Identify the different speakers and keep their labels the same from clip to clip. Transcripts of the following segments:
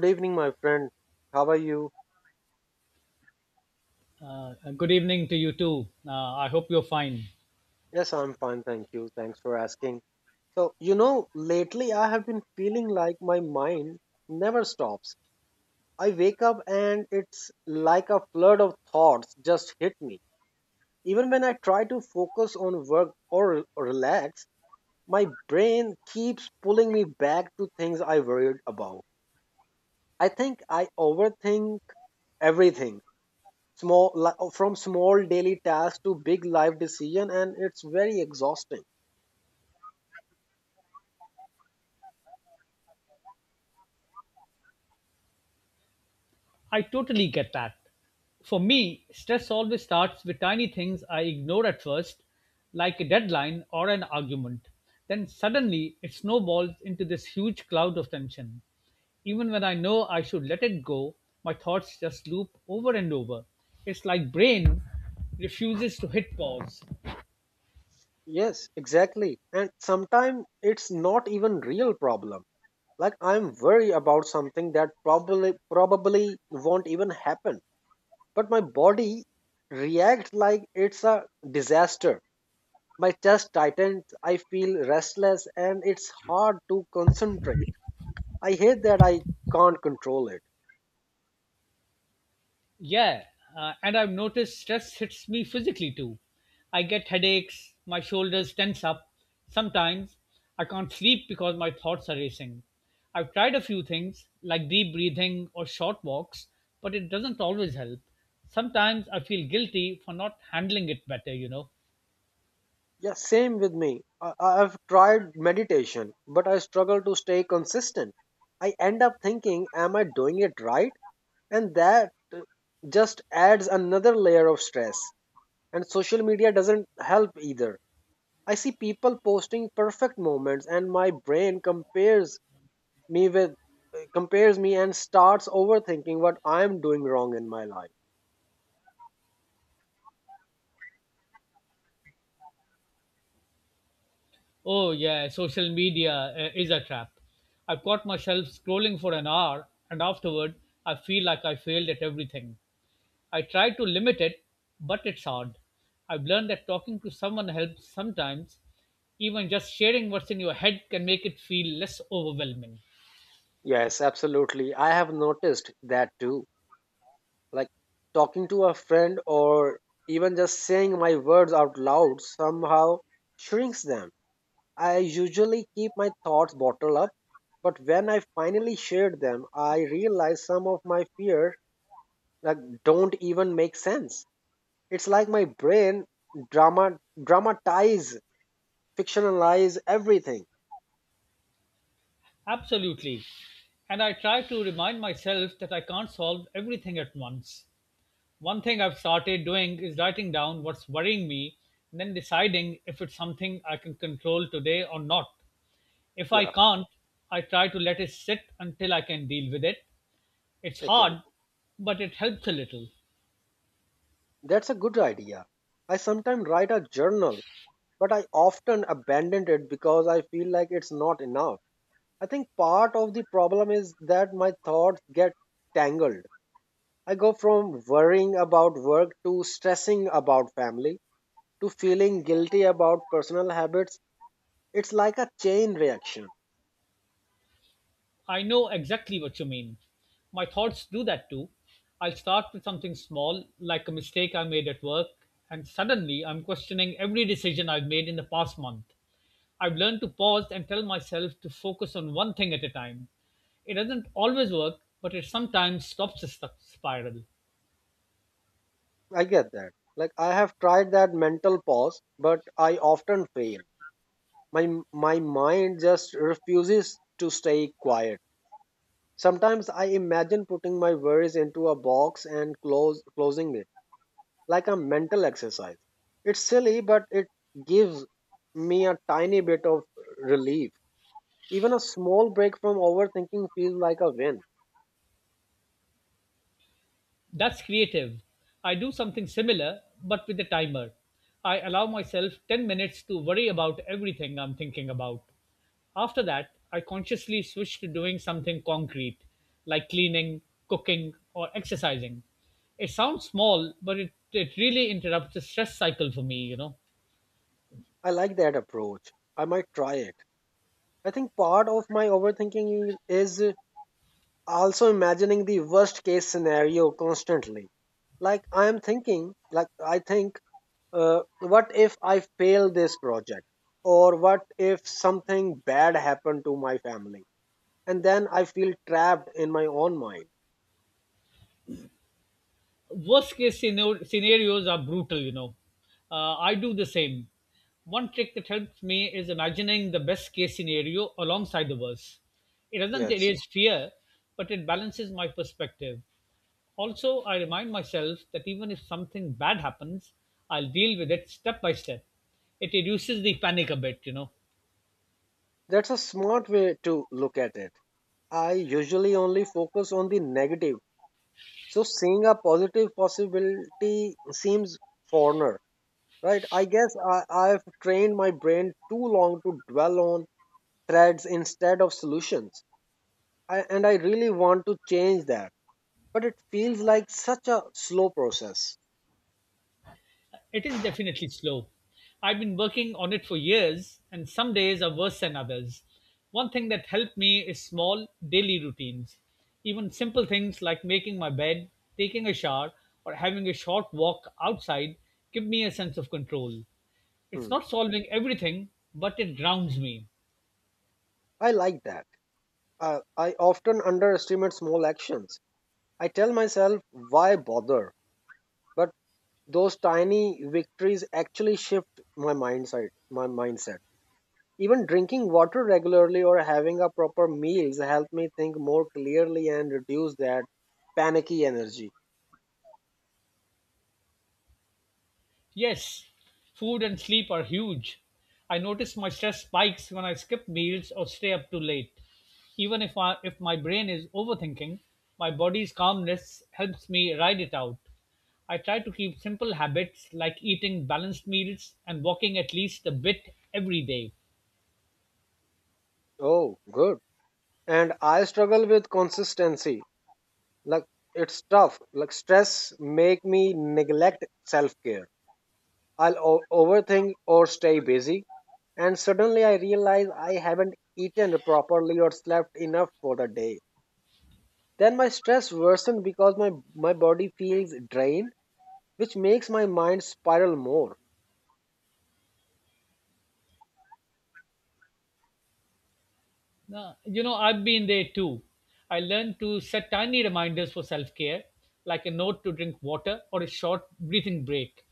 Speaker 1: Good evening, my friend. How are you?
Speaker 2: Good evening to you too. I hope you're fine.
Speaker 1: Yes, I'm fine, thank you. Thanks for asking. So, you know, lately I have been feeling like my mind never stops. I wake up and it's like a flood of thoughts just hit me. Even when I try to focus on work or relax, my brain keeps pulling me back to things I worried about. I think I overthink everything from small daily tasks to big life decision, and it's very exhausting.
Speaker 2: I totally get that. For me, stress always starts with tiny things I ignore at first, like a deadline or an argument. Then suddenly it snowballs into this huge cloud of tension. Even when I know I should let it go, my thoughts just loop over and over. It's like brain refuses to hit pause.
Speaker 1: Yes, exactly, and sometimes it's not even real problem, like I'm worried about something that probably won't even happen, but my body reacts like it's a disaster. My chest tightens, I feel restless, and it's hard to concentrate. I hate that I can't control it.
Speaker 2: Yeah, and I've noticed stress hits me physically too. I get headaches, my shoulders tense up. Sometimes I can't sleep because my thoughts are racing. I've tried a few things like deep breathing or short walks, but it doesn't always help. Sometimes I feel guilty for not handling it better.
Speaker 1: Yeah, same with me. I've tried meditation, but I struggle to stay consistent. I end up thinking, am I doing it right? And that just adds another layer of stress. And social media doesn't help either. I see people posting perfect moments, and my brain compares me with compares me and starts overthinking what I'm doing wrong in my life.
Speaker 2: Oh, yeah, social media is a trap. I've caught myself scrolling for an hour, and afterward, I feel like I failed at everything. I try to limit it, but it's hard. I've learned that talking to someone helps sometimes. Even just sharing what's in your head can make it feel less overwhelming.
Speaker 1: Yes, absolutely. I have noticed that too, like talking to a friend or even just saying my words out loud somehow shrinks them. I usually keep my thoughts bottled up, but when I finally shared them, I realized some of my fears like don't even make sense. It's like my brain drama dramatize fictionalize everything.
Speaker 2: Absolutely. And I try to remind myself that I can't solve everything at once. One thing I've started doing is writing down what's worrying me and then deciding if it's something I can control today or not. If I
Speaker 1: Yeah,
Speaker 2: can't, I try to let it sit until I can deal with it. It's
Speaker 1: okay.
Speaker 2: hard, but it helps a little.
Speaker 1: That's a good idea. I sometimes write a journal, but I often abandon it because I feel like it's not enough. I think part of the problem is that my thoughts get tangled. I go from worrying about work to stressing about family to feeling guilty about personal habits. It's like a chain reaction.
Speaker 2: I know exactly what you mean. My thoughts do that too. I'll start with something small, like a mistake I made at work, and suddenly I'm questioning every decision I've made in the past month. I've learned to pause and tell myself to focus on one thing at a time. It doesn't always work, but it sometimes stops the spiral.
Speaker 1: I get that. Like I have tried that mental pause, but I often fail. My mind just refuses to stay quiet. Sometimes I imagine putting my worries into a box and close closing it like a mental exercise. It's silly, but it gives me a tiny bit of relief. Even a small break from overthinking feels like a win.
Speaker 2: That's creative. I do something similar, but with a timer. I allow myself 10 minutes to worry about everything I'm thinking about. After that, I consciously switch to doing something concrete, like cleaning, cooking, or exercising. It sounds small, but it really interrupts the stress cycle for me.
Speaker 1: I like that approach. I might try it. I think part of my overthinking is also imagining the worst case scenario constantly. Like I think, what if I fail this project? Or what if something bad happened to my family? And then I feel trapped in my own mind.
Speaker 2: Scenarios are brutal, I do the same. One trick that helps me is imagining the best case scenario alongside the worst. It doesn't
Speaker 1: Yes.
Speaker 2: erase fear, but it balances my perspective. Also, I remind myself that even if something bad happens, I'll deal with it step by step. It reduces the panic a bit.
Speaker 1: That's a smart way to look at it. I usually only focus on the negative. So seeing a positive possibility seems foreigner, right? I've trained my brain too long to dwell on threats instead of solutions. And I really want to change that. But it feels like such a slow process.
Speaker 2: It is definitely slow. I've been working on it for years, and some days are worse than others. One thing that helped me is small daily routines. Even simple things like making my bed, taking a shower, or having a short walk outside give me a sense of control. It's
Speaker 1: Hmm.
Speaker 2: not solving everything, but it grounds me.
Speaker 1: I like that. I often underestimate small actions. I tell myself, why bother? But those tiny victories actually shift my mindset. Even drinking water regularly or having a proper meals help me think more clearly and reduce that panicky energy.
Speaker 2: Yes, food and sleep are huge. I notice my stress spikes when I skip meals or stay up too late. Even if my brain is overthinking, my body's calmness helps me ride it out. I try to keep simple habits like eating balanced meals and walking at least a bit every day.
Speaker 1: Oh, good. And I struggle with consistency. Like it's tough. Like stress make me neglect self care. I'll overthink or stay busy and suddenly I realize I haven't eaten properly or slept enough for the day. Then my stress worsens because my body feels drained, which makes my mind spiral more.
Speaker 2: No, you know, I've been there too. I learned to set tiny reminders for self care, like a note to drink water or a short breathing break.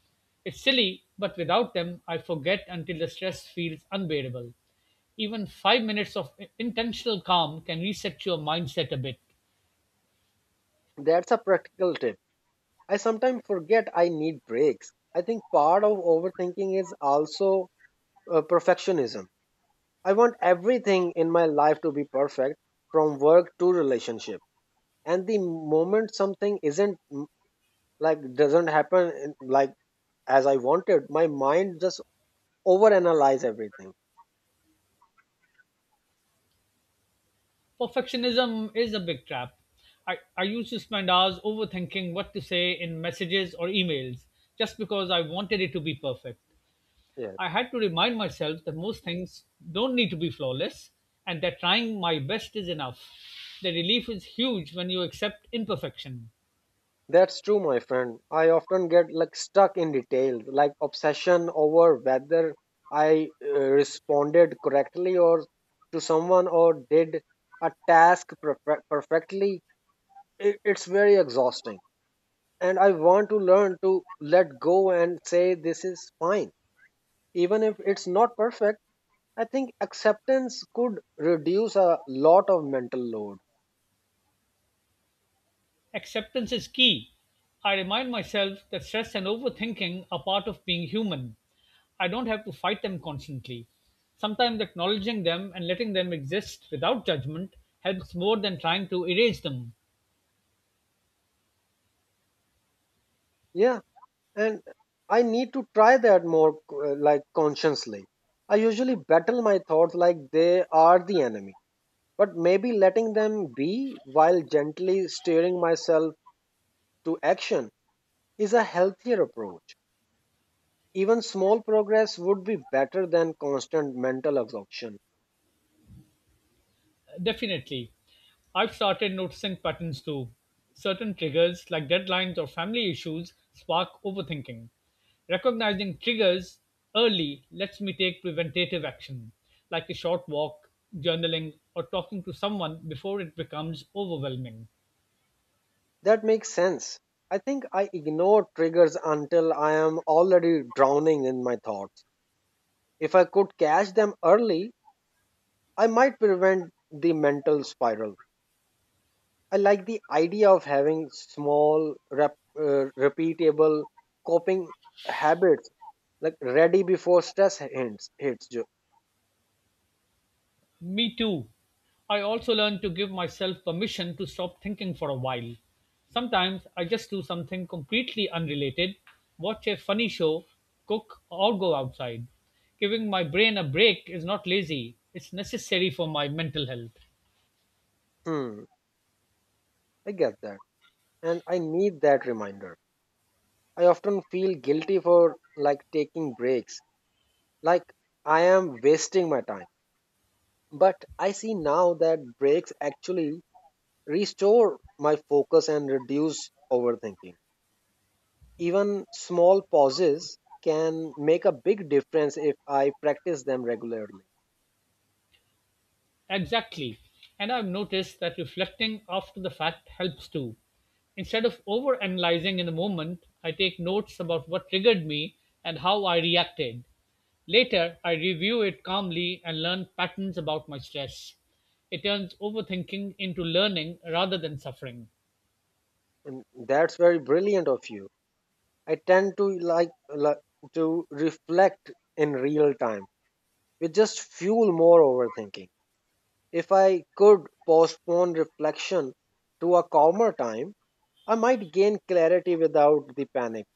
Speaker 2: It's silly, but without them, I forget until the stress feels unbearable. Even 5 minutes of intentional calm can reset your mindset a bit.
Speaker 1: That's a practical tip. I sometimes forget I need breaks. I think part of overthinking is also perfectionism. I want everything in my life to be perfect, from work to relationship. And the moment something isn't doesn't happen as I wanted, my mind just overanalyze everything.
Speaker 2: Perfectionism is a big trap. I used to spend hours overthinking what to say in messages or emails just because I wanted it to be perfect.
Speaker 1: Yes.
Speaker 2: I had to remind myself that most things don't need to be flawless and that trying my best is enough. The relief is huge when you accept imperfection.
Speaker 1: That's true, my friend. I often get like stuck in details, like obsession over whether I responded correctly or to someone or did a task perfectly. It's very exhausting. And I want to learn to let go and say this is fine. Even if it's not perfect, I think acceptance could reduce a lot of mental load.
Speaker 2: Acceptance is key. I remind myself that stress and overthinking are part of being human. I don't have to fight them constantly. Sometimes acknowledging them and letting them exist without judgment helps more than trying to erase them.
Speaker 1: Yeah, and I need to try that more, like consciously. I usually battle my thoughts like they are the enemy, but maybe letting them be while gently steering myself to action is a healthier approach. Even small progress would be better than constant mental exhaustion.
Speaker 2: Definitely. I've started noticing patterns too. Certain triggers, like deadlines or family issues, spark overthinking. Recognizing triggers early lets me take preventative action, like a short walk, journaling, or talking to someone before it becomes overwhelming.
Speaker 1: That makes sense. I think I ignore triggers until I am already drowning in my thoughts. If I could catch them early, I might prevent the mental spiral. I like the idea of having small, repeatable coping habits, like ready before stress hits.
Speaker 2: Me too. I also learned to give myself permission to stop thinking for a while. Sometimes I just do something completely unrelated, watch a funny show, cook, or go outside. Giving my brain a break is not lazy, it's necessary for my mental health.
Speaker 1: Hmm, I get that, and I need that reminder. I often feel guilty for like taking breaks, like I am wasting my time. But I see now that breaks actually restore my focus and reduce overthinking. Even small pauses can make a big difference if I practice them regularly.
Speaker 2: Exactly. And I've noticed that reflecting after the fact helps too. Instead of overanalyzing in the moment, I take notes about what triggered me and how I reacted. Later, I review it calmly and learn patterns about my stress. It turns overthinking into learning rather than suffering.
Speaker 1: And that's very brilliant of you. I tend to to reflect in real time, which just fuel more overthinking. If I could postpone reflection to a calmer time, I might gain clarity without the panic,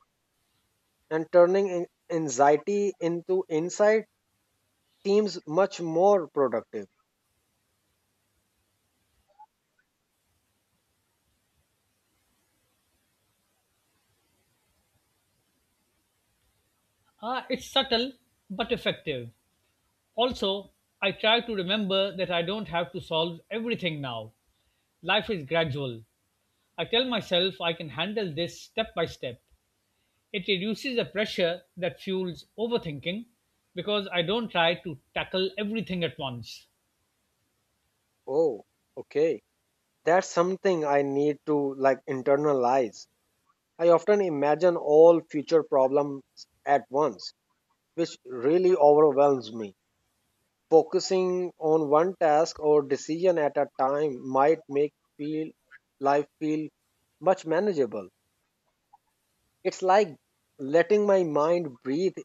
Speaker 1: and turning anxiety into insight seems much more productive.
Speaker 2: It's subtle but effective. Also, I try to remember that I don't have to solve everything now. Life is gradual. I tell myself I can handle this step by step. It reduces the pressure that fuels overthinking because I don't try to tackle everything at once.
Speaker 1: Oh, okay. That's something I need to like internalize. I often imagine all future problems at once, which really overwhelms me. Focusing on one task or decision at a time might make feel life feel much manageable. It's like letting my mind breathe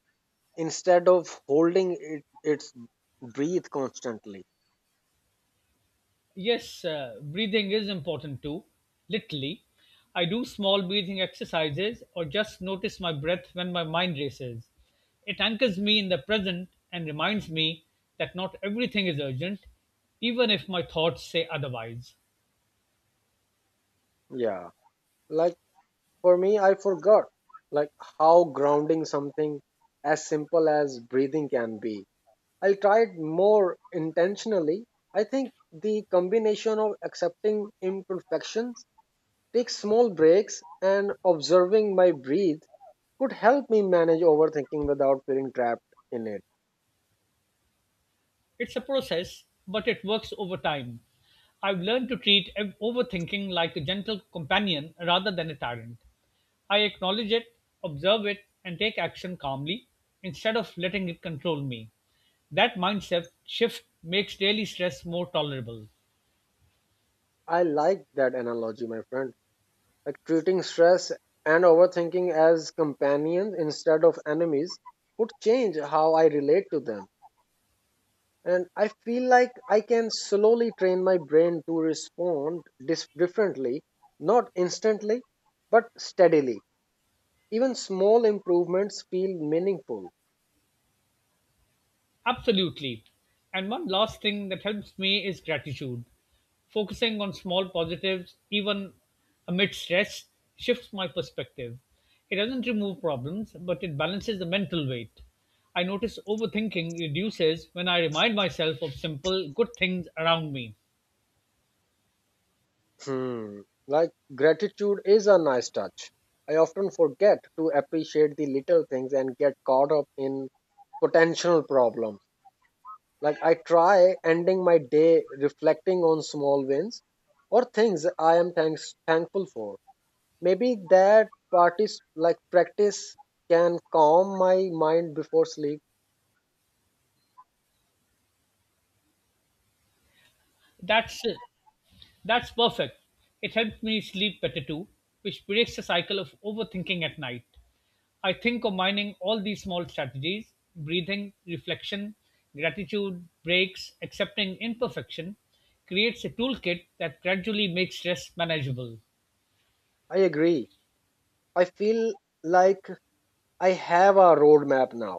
Speaker 1: instead of holding it its breathe constantly.
Speaker 2: Yes, breathing is important too, literally. I do small breathing exercises or just notice my breath when my mind races. It anchors me in the present and reminds me that not everything is urgent, even if my thoughts say otherwise.
Speaker 1: Yeah. Like for me, I forgot like how grounding something as simple as breathing can be. I'll try it more intentionally. I think the combination of accepting imperfections, take small breaks, and observing my breath could help me manage overthinking without feeling trapped in it.
Speaker 2: It's a process, but it works over time. I've learned to treat overthinking like a gentle companion rather than a tyrant. I acknowledge it, observe it, and take action calmly instead of letting it control me. That mindset shift makes daily stress more tolerable.
Speaker 1: I like that analogy, my friend. Like treating stress and overthinking as companions instead of enemies could change how I relate to them. And I feel like I can slowly train my brain to respond differently, not instantly but steadily. Even small improvements feel meaningful.
Speaker 2: Absolutely. And one last thing that helps me is gratitude. Focusing on small positives, even amid stress, shifts my perspective. It doesn't remove problems, but it balances the mental weight. I notice overthinking reduces when I remind myself of simple, good things around me.
Speaker 1: Hmm. Like gratitude is a nice touch. I often forget to appreciate the little things and get caught up in potential problems. Like I try ending my day reflecting on small wins or things I am thankful for. Maybe that parties like practice can calm my mind before sleep.
Speaker 2: That's That's perfect. It helps me sleep better too, which breaks the cycle of overthinking at night. I think combining all these small strategies breathing, reflection, gratitude, breaks, accepting imperfection creates a toolkit that gradually makes stress manageable.
Speaker 1: I agree. I feel like I have a roadmap now,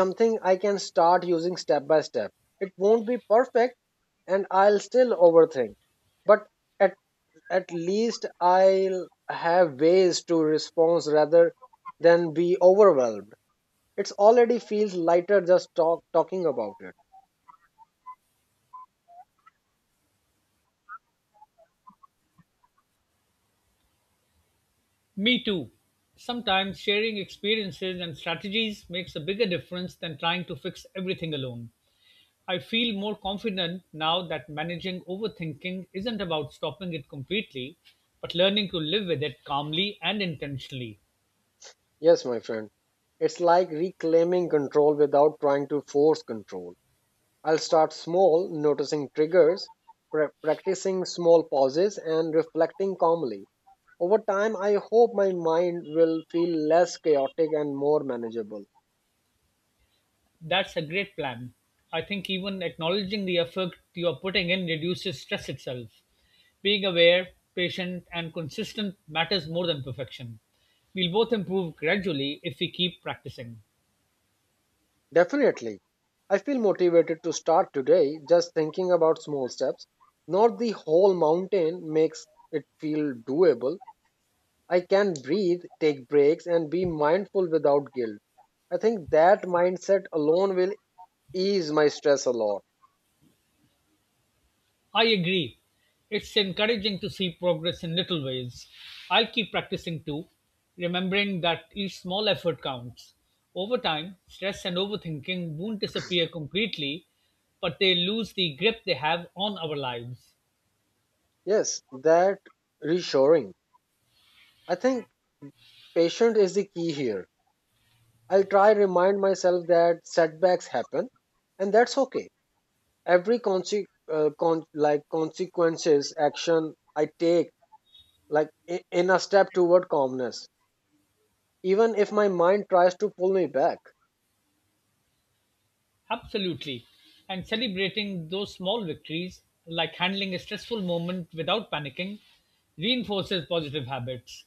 Speaker 1: something I can start using step by step. It won't be perfect and I'll still overthink, but at, at least I'll have ways to respond rather than be overwhelmed. It's already feels lighter just talking about it.
Speaker 2: Me too. Sometimes sharing experiences and strategies makes a bigger difference than trying to fix everything alone. I feel more confident now that managing overthinking isn't about stopping it completely, but learning to live with it calmly and intentionally.
Speaker 1: Yes, my friend. It's like reclaiming control without trying to force control. I'll start small, noticing triggers, practicing small pauses, and reflecting calmly. Over time, I hope my mind will feel less chaotic and more manageable.
Speaker 2: That's a great plan. I think even acknowledging the effort you are putting in reduces stress itself. Being aware, patient, and consistent matters more than perfection. We'll both improve gradually if we keep practicing.
Speaker 1: Definitely. I feel motivated to start today just thinking about small steps. Not the whole mountain makes it feel doable. I can breathe, take breaks, and be mindful without guilt. I think that mindset alone will ease my stress a lot.
Speaker 2: I agree. It's encouraging to see progress in little ways. I'll keep practicing too, remembering that each small effort counts. Over time, stress and overthinking won't disappear completely, but they lose the grip they have on our lives.
Speaker 1: Yes, that reassuring. I think patient is the key here. I'll try remind myself that setbacks happen and that's okay. Every consequences action I take in a step toward calmness, even if my mind tries to pull me back.
Speaker 2: Absolutely. And celebrating those small victories, like handling a stressful moment without panicking, reinforces positive habits.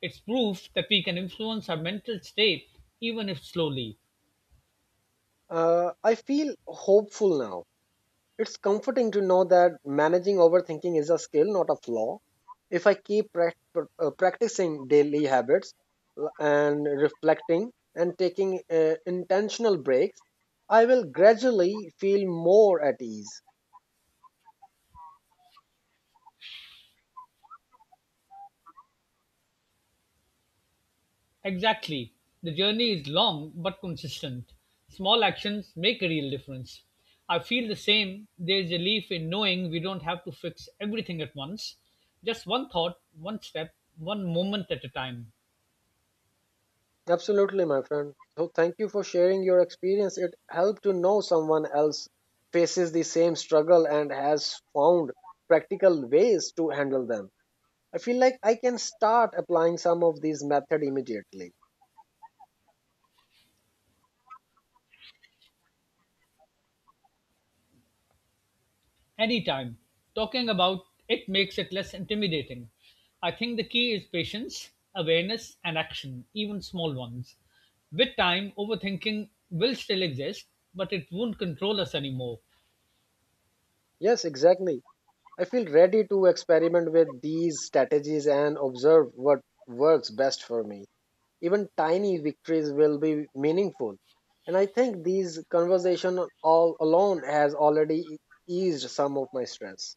Speaker 2: It's proof that we can influence our mental state even if slowly.
Speaker 1: I feel hopeful now. It's comforting to know that managing overthinking is a skill, not a flaw. If I keep practicing daily habits and reflecting and taking intentional breaks, I will gradually feel more at ease.
Speaker 2: Exactly, the journey is long but consistent. Small actions make a real difference. I feel the same. There is relief in knowing we don't have to fix everything at once. Just one thought, one step, one moment at a time.
Speaker 1: Absolutely, my friend. So, thank you for sharing your experience. It helped to know someone else faces the same struggle and has found practical ways to handle them. I feel like I can start applying some of these methods immediately.
Speaker 2: Anytime. Talking about it makes it less intimidating. I think the key is patience, awareness, and action, even small ones. With time, overthinking will still exist, but it won't control us anymore.
Speaker 1: Yes, exactly. I feel ready to experiment with these strategies and observe what works best for me. Even tiny victories will be meaningful. And I think these conversation all alone has already eased some of my stress.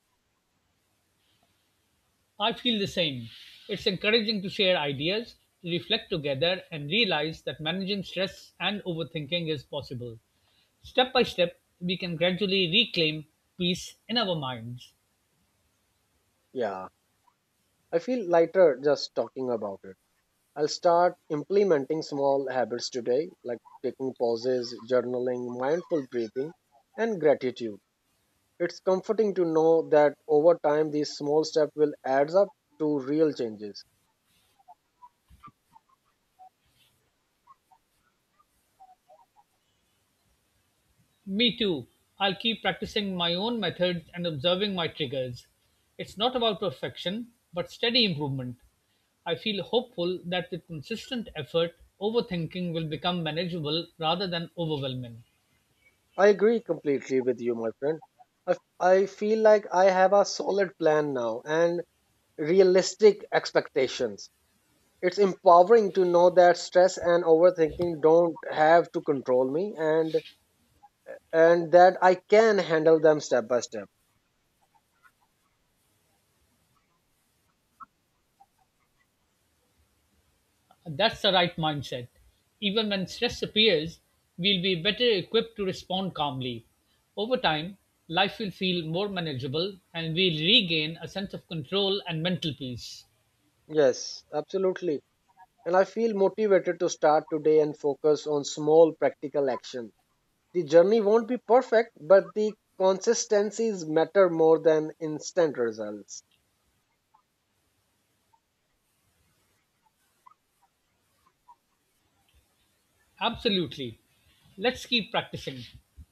Speaker 2: I feel the same. It's encouraging to share ideas, reflect together, and realize that managing stress and overthinking is possible. Step by step, we can gradually reclaim peace in our minds.
Speaker 1: Yeah, I feel lighter just talking about it. I'll start implementing small habits today, like taking pauses, journaling, mindful breathing, and gratitude. It's comforting to know that over time these small steps will add up to real changes.
Speaker 2: Me too. I'll keep practicing my own methods and observing my triggers. It's not about perfection, but steady improvement. I feel hopeful that with consistent effort, overthinking will become manageable rather than overwhelming.
Speaker 1: I agree completely with you, my friend. I feel like I have a solid plan now and realistic expectations. It's empowering to know that stress and overthinking don't have to control me, and that I can handle them step by step.
Speaker 2: That's the right mindset. Even when stress appears, we'll be better equipped to respond calmly. Over time, life will feel more manageable and we'll regain a sense of control and mental peace.
Speaker 1: Yes, absolutely. And I feel motivated to start today and focus on small practical action. The journey won't be perfect, but the consistencies matter more than instant results.
Speaker 2: Absolutely. Let's keep practicing,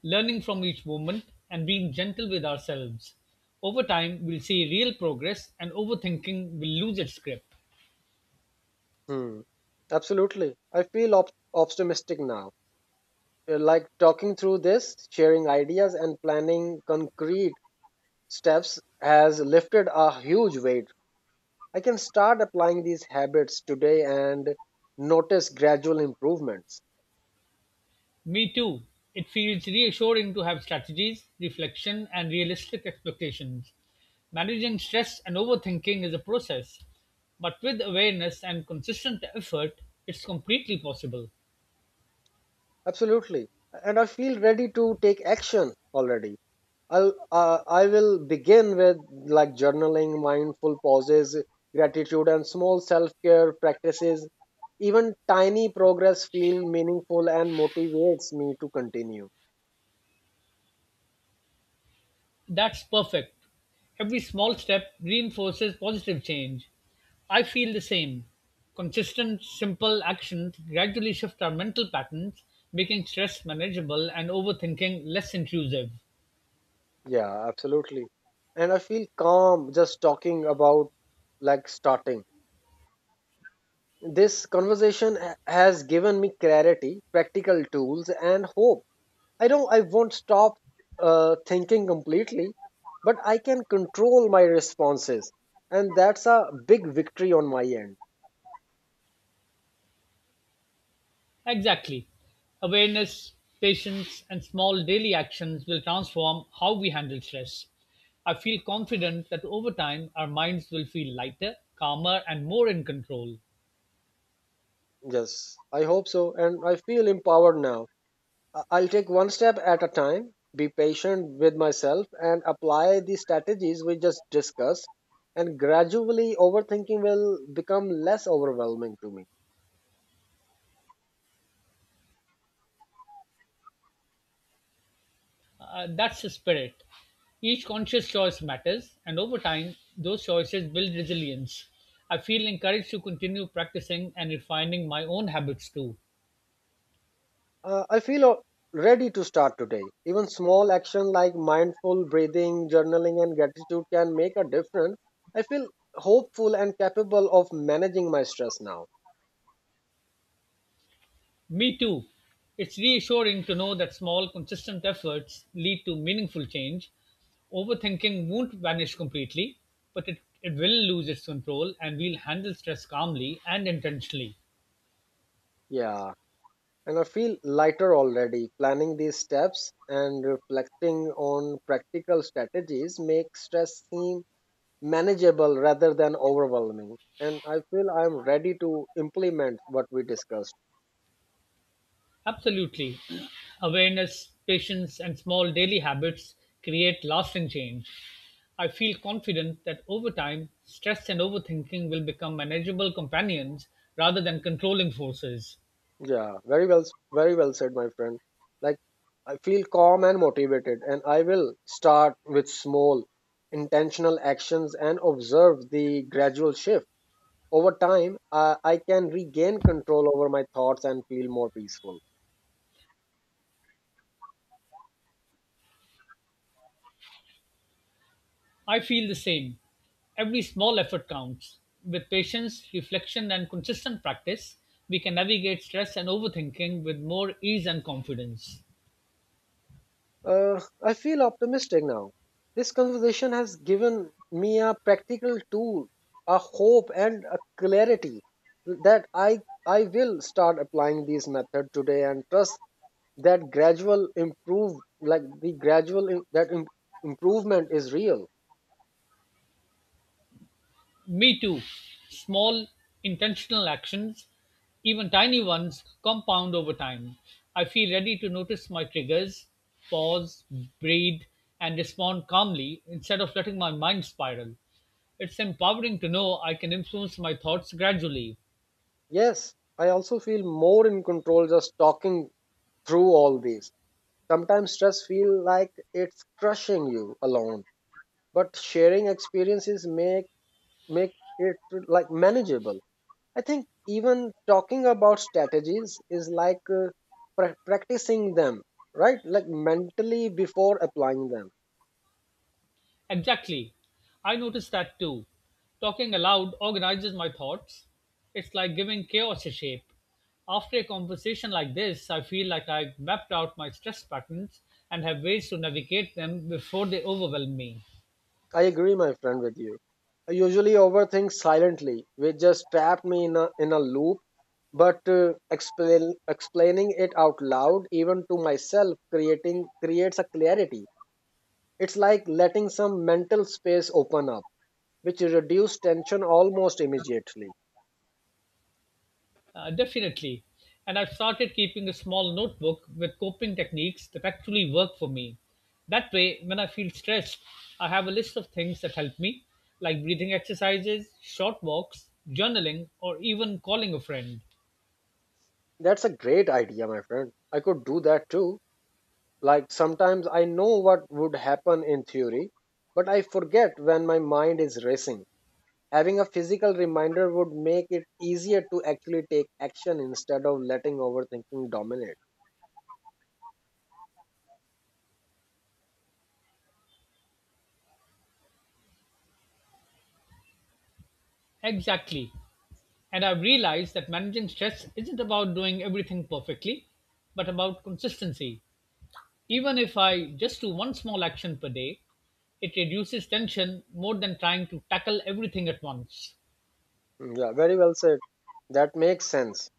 Speaker 2: learning from each moment and being gentle with ourselves. Over time, we'll see real progress and overthinking will lose its grip.
Speaker 1: Hmm. Absolutely. I feel optimistic now. Like talking through this, sharing ideas, and planning concrete steps has lifted a huge weight. I can start applying these habits today and notice gradual improvements.
Speaker 2: Me too. It feels reassuring to have strategies, reflection, and realistic expectations. Managing stress and overthinking is a process, but with awareness and consistent effort, it's completely possible.
Speaker 1: Absolutely. And I feel ready to take action already. I'll I will begin with like journaling, mindful pauses, gratitude, and small self care practices. Even tiny progress feel meaningful and motivates me to continue.
Speaker 2: That's perfect. Every small step reinforces positive change. I feel the same. Consistent, simple actions gradually shift our mental patterns, making stress manageable and overthinking less intrusive.
Speaker 1: Yeah, absolutely. And I feel calm just talking about like starting. This conversation has given me clarity, practical tools, and hope. I won't stop thinking completely, but I can control my responses, and that's a big victory on my end.
Speaker 2: Exactly. Awareness, patience, and small daily actions will transform how we handle stress. I feel confident that over time, our minds will feel lighter, calmer, and more in control.
Speaker 1: Yes, I hope so, and I feel empowered now. I'll take one step at a time, be patient with myself, and apply the strategies we just discussed, and gradually overthinking will become less overwhelming to me.
Speaker 2: That's the spirit. Each conscious choice matters, and over time, those choices build resilience. I feel encouraged to continue practicing and refining my own habits too.
Speaker 1: I feel ready to start today. Even small action like mindful breathing, journaling, and gratitude can make a difference. I feel hopeful and capable of managing my stress now.
Speaker 2: Me too. It's reassuring to know that small, consistent efforts lead to meaningful change. Overthinking won't vanish completely, but it will lose its control and we'll handle stress calmly and intentionally.
Speaker 1: Yeah, and I feel lighter already. Planning these steps and reflecting on practical strategies make stress seem manageable rather than overwhelming. And I feel I'm ready to implement what we discussed.
Speaker 2: Absolutely. Awareness, patience, and small daily habits create lasting change. I feel confident that over time, stress and overthinking will become manageable companions rather than controlling forces.
Speaker 1: Yeah, very well said, my friend. Like, I feel calm and motivated, and I will start with small, intentional actions and observe the gradual shift. Over time, I can regain control over my thoughts and feel more peaceful.
Speaker 2: I feel the same. Every small effort counts. With patience, reflection, and consistent practice, we can navigate stress and overthinking with more ease and confidence.
Speaker 1: I feel optimistic now. This conversation has given me a practical tool, a hope, and a clarity that I will start applying these methods today and trust that gradual improve like the gradual im- that im- improvement is real.
Speaker 2: Me too. Small, intentional actions, even tiny ones, compound over time. I feel ready to notice my triggers, pause, breathe, and respond calmly instead of letting my mind spiral. It's empowering to know I can influence my thoughts gradually.
Speaker 1: Yes, I also feel more in control just talking through all these. Sometimes stress feel like it's crushing you alone, but sharing experiences make it like manageable. I think even talking about strategies is like practicing them, right? Like mentally before applying them.
Speaker 2: Exactly. I noticed that too. Talking aloud organizes my thoughts. It's like giving chaos a shape. After a conversation like this, I feel like I've mapped out my stress patterns and have ways to navigate them before they overwhelm me.
Speaker 1: I agree, my friend, with you. I usually overthink silently, which just trapped me in a loop. But explaining it out loud, even to myself, creating creates a clarity. It's like letting some mental space open up, which reduces tension almost immediately.
Speaker 2: Definitely. And I've started keeping a small notebook with coping techniques that actually work for me. That way, when I feel stressed, I have a list of things that help me, like breathing exercises, short walks, journaling, or even calling a friend.
Speaker 1: That's a great idea, my friend. I could do that too. Like sometimes I know what would happen in theory, but I forget when my mind is racing. Having a physical reminder would make it easier to actually take action instead of letting overthinking dominate.
Speaker 2: Exactly. And I've realized that managing stress isn't about doing everything perfectly, but about consistency. Even if I just do one small action per day, it reduces tension more than trying to tackle everything at once.
Speaker 1: Mm, yeah, very well said. That makes sense.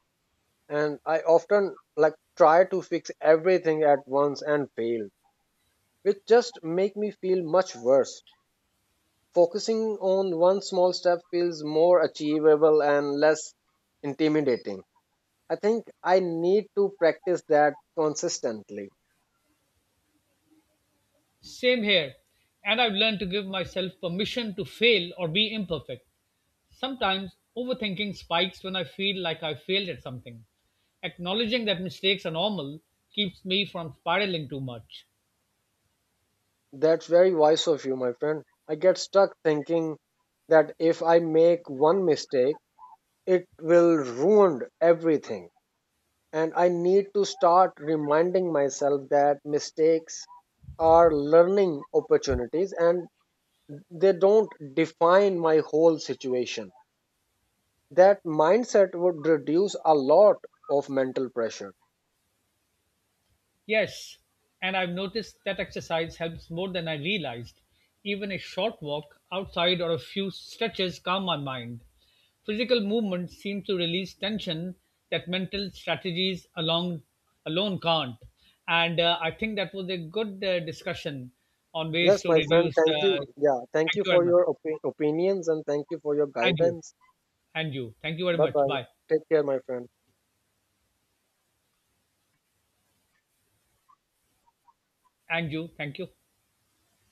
Speaker 1: And I often like try to fix everything at once and fail, which just make me feel much worse. Focusing on one small step feels more achievable and less intimidating. I think I need to practice that consistently.
Speaker 2: Same here. And I've learned to give myself permission to fail or be imperfect. Sometimes overthinking spikes when I feel like I failed at something. Acknowledging that mistakes are normal keeps me from spiraling too much.
Speaker 1: That's very wise of you, my friend. I get stuck thinking that if I make one mistake, it will ruin everything. And I need to start reminding myself that mistakes are learning opportunities and they don't define my whole situation. That mindset would reduce a lot of mental pressure.
Speaker 2: Yes, and I've noticed that exercise helps more than I realized. Even a short walk outside or a few stretches calm my mind. Physical movement seems to release tension that mental alone can't. And I think that was a good discussion on ways
Speaker 1: Yes,
Speaker 2: to
Speaker 1: my friend,
Speaker 2: reduce.
Speaker 1: thank
Speaker 2: Uh,
Speaker 1: you. Yeah, thank
Speaker 2: thank
Speaker 1: you
Speaker 2: you very
Speaker 1: for
Speaker 2: much.
Speaker 1: your opinions and thank you for your
Speaker 2: And you.
Speaker 1: guidance.
Speaker 2: And you. Thank you very
Speaker 1: Bye
Speaker 2: much.
Speaker 1: bye.
Speaker 2: Bye.
Speaker 1: Take care, my friend.
Speaker 2: And you. Thank you.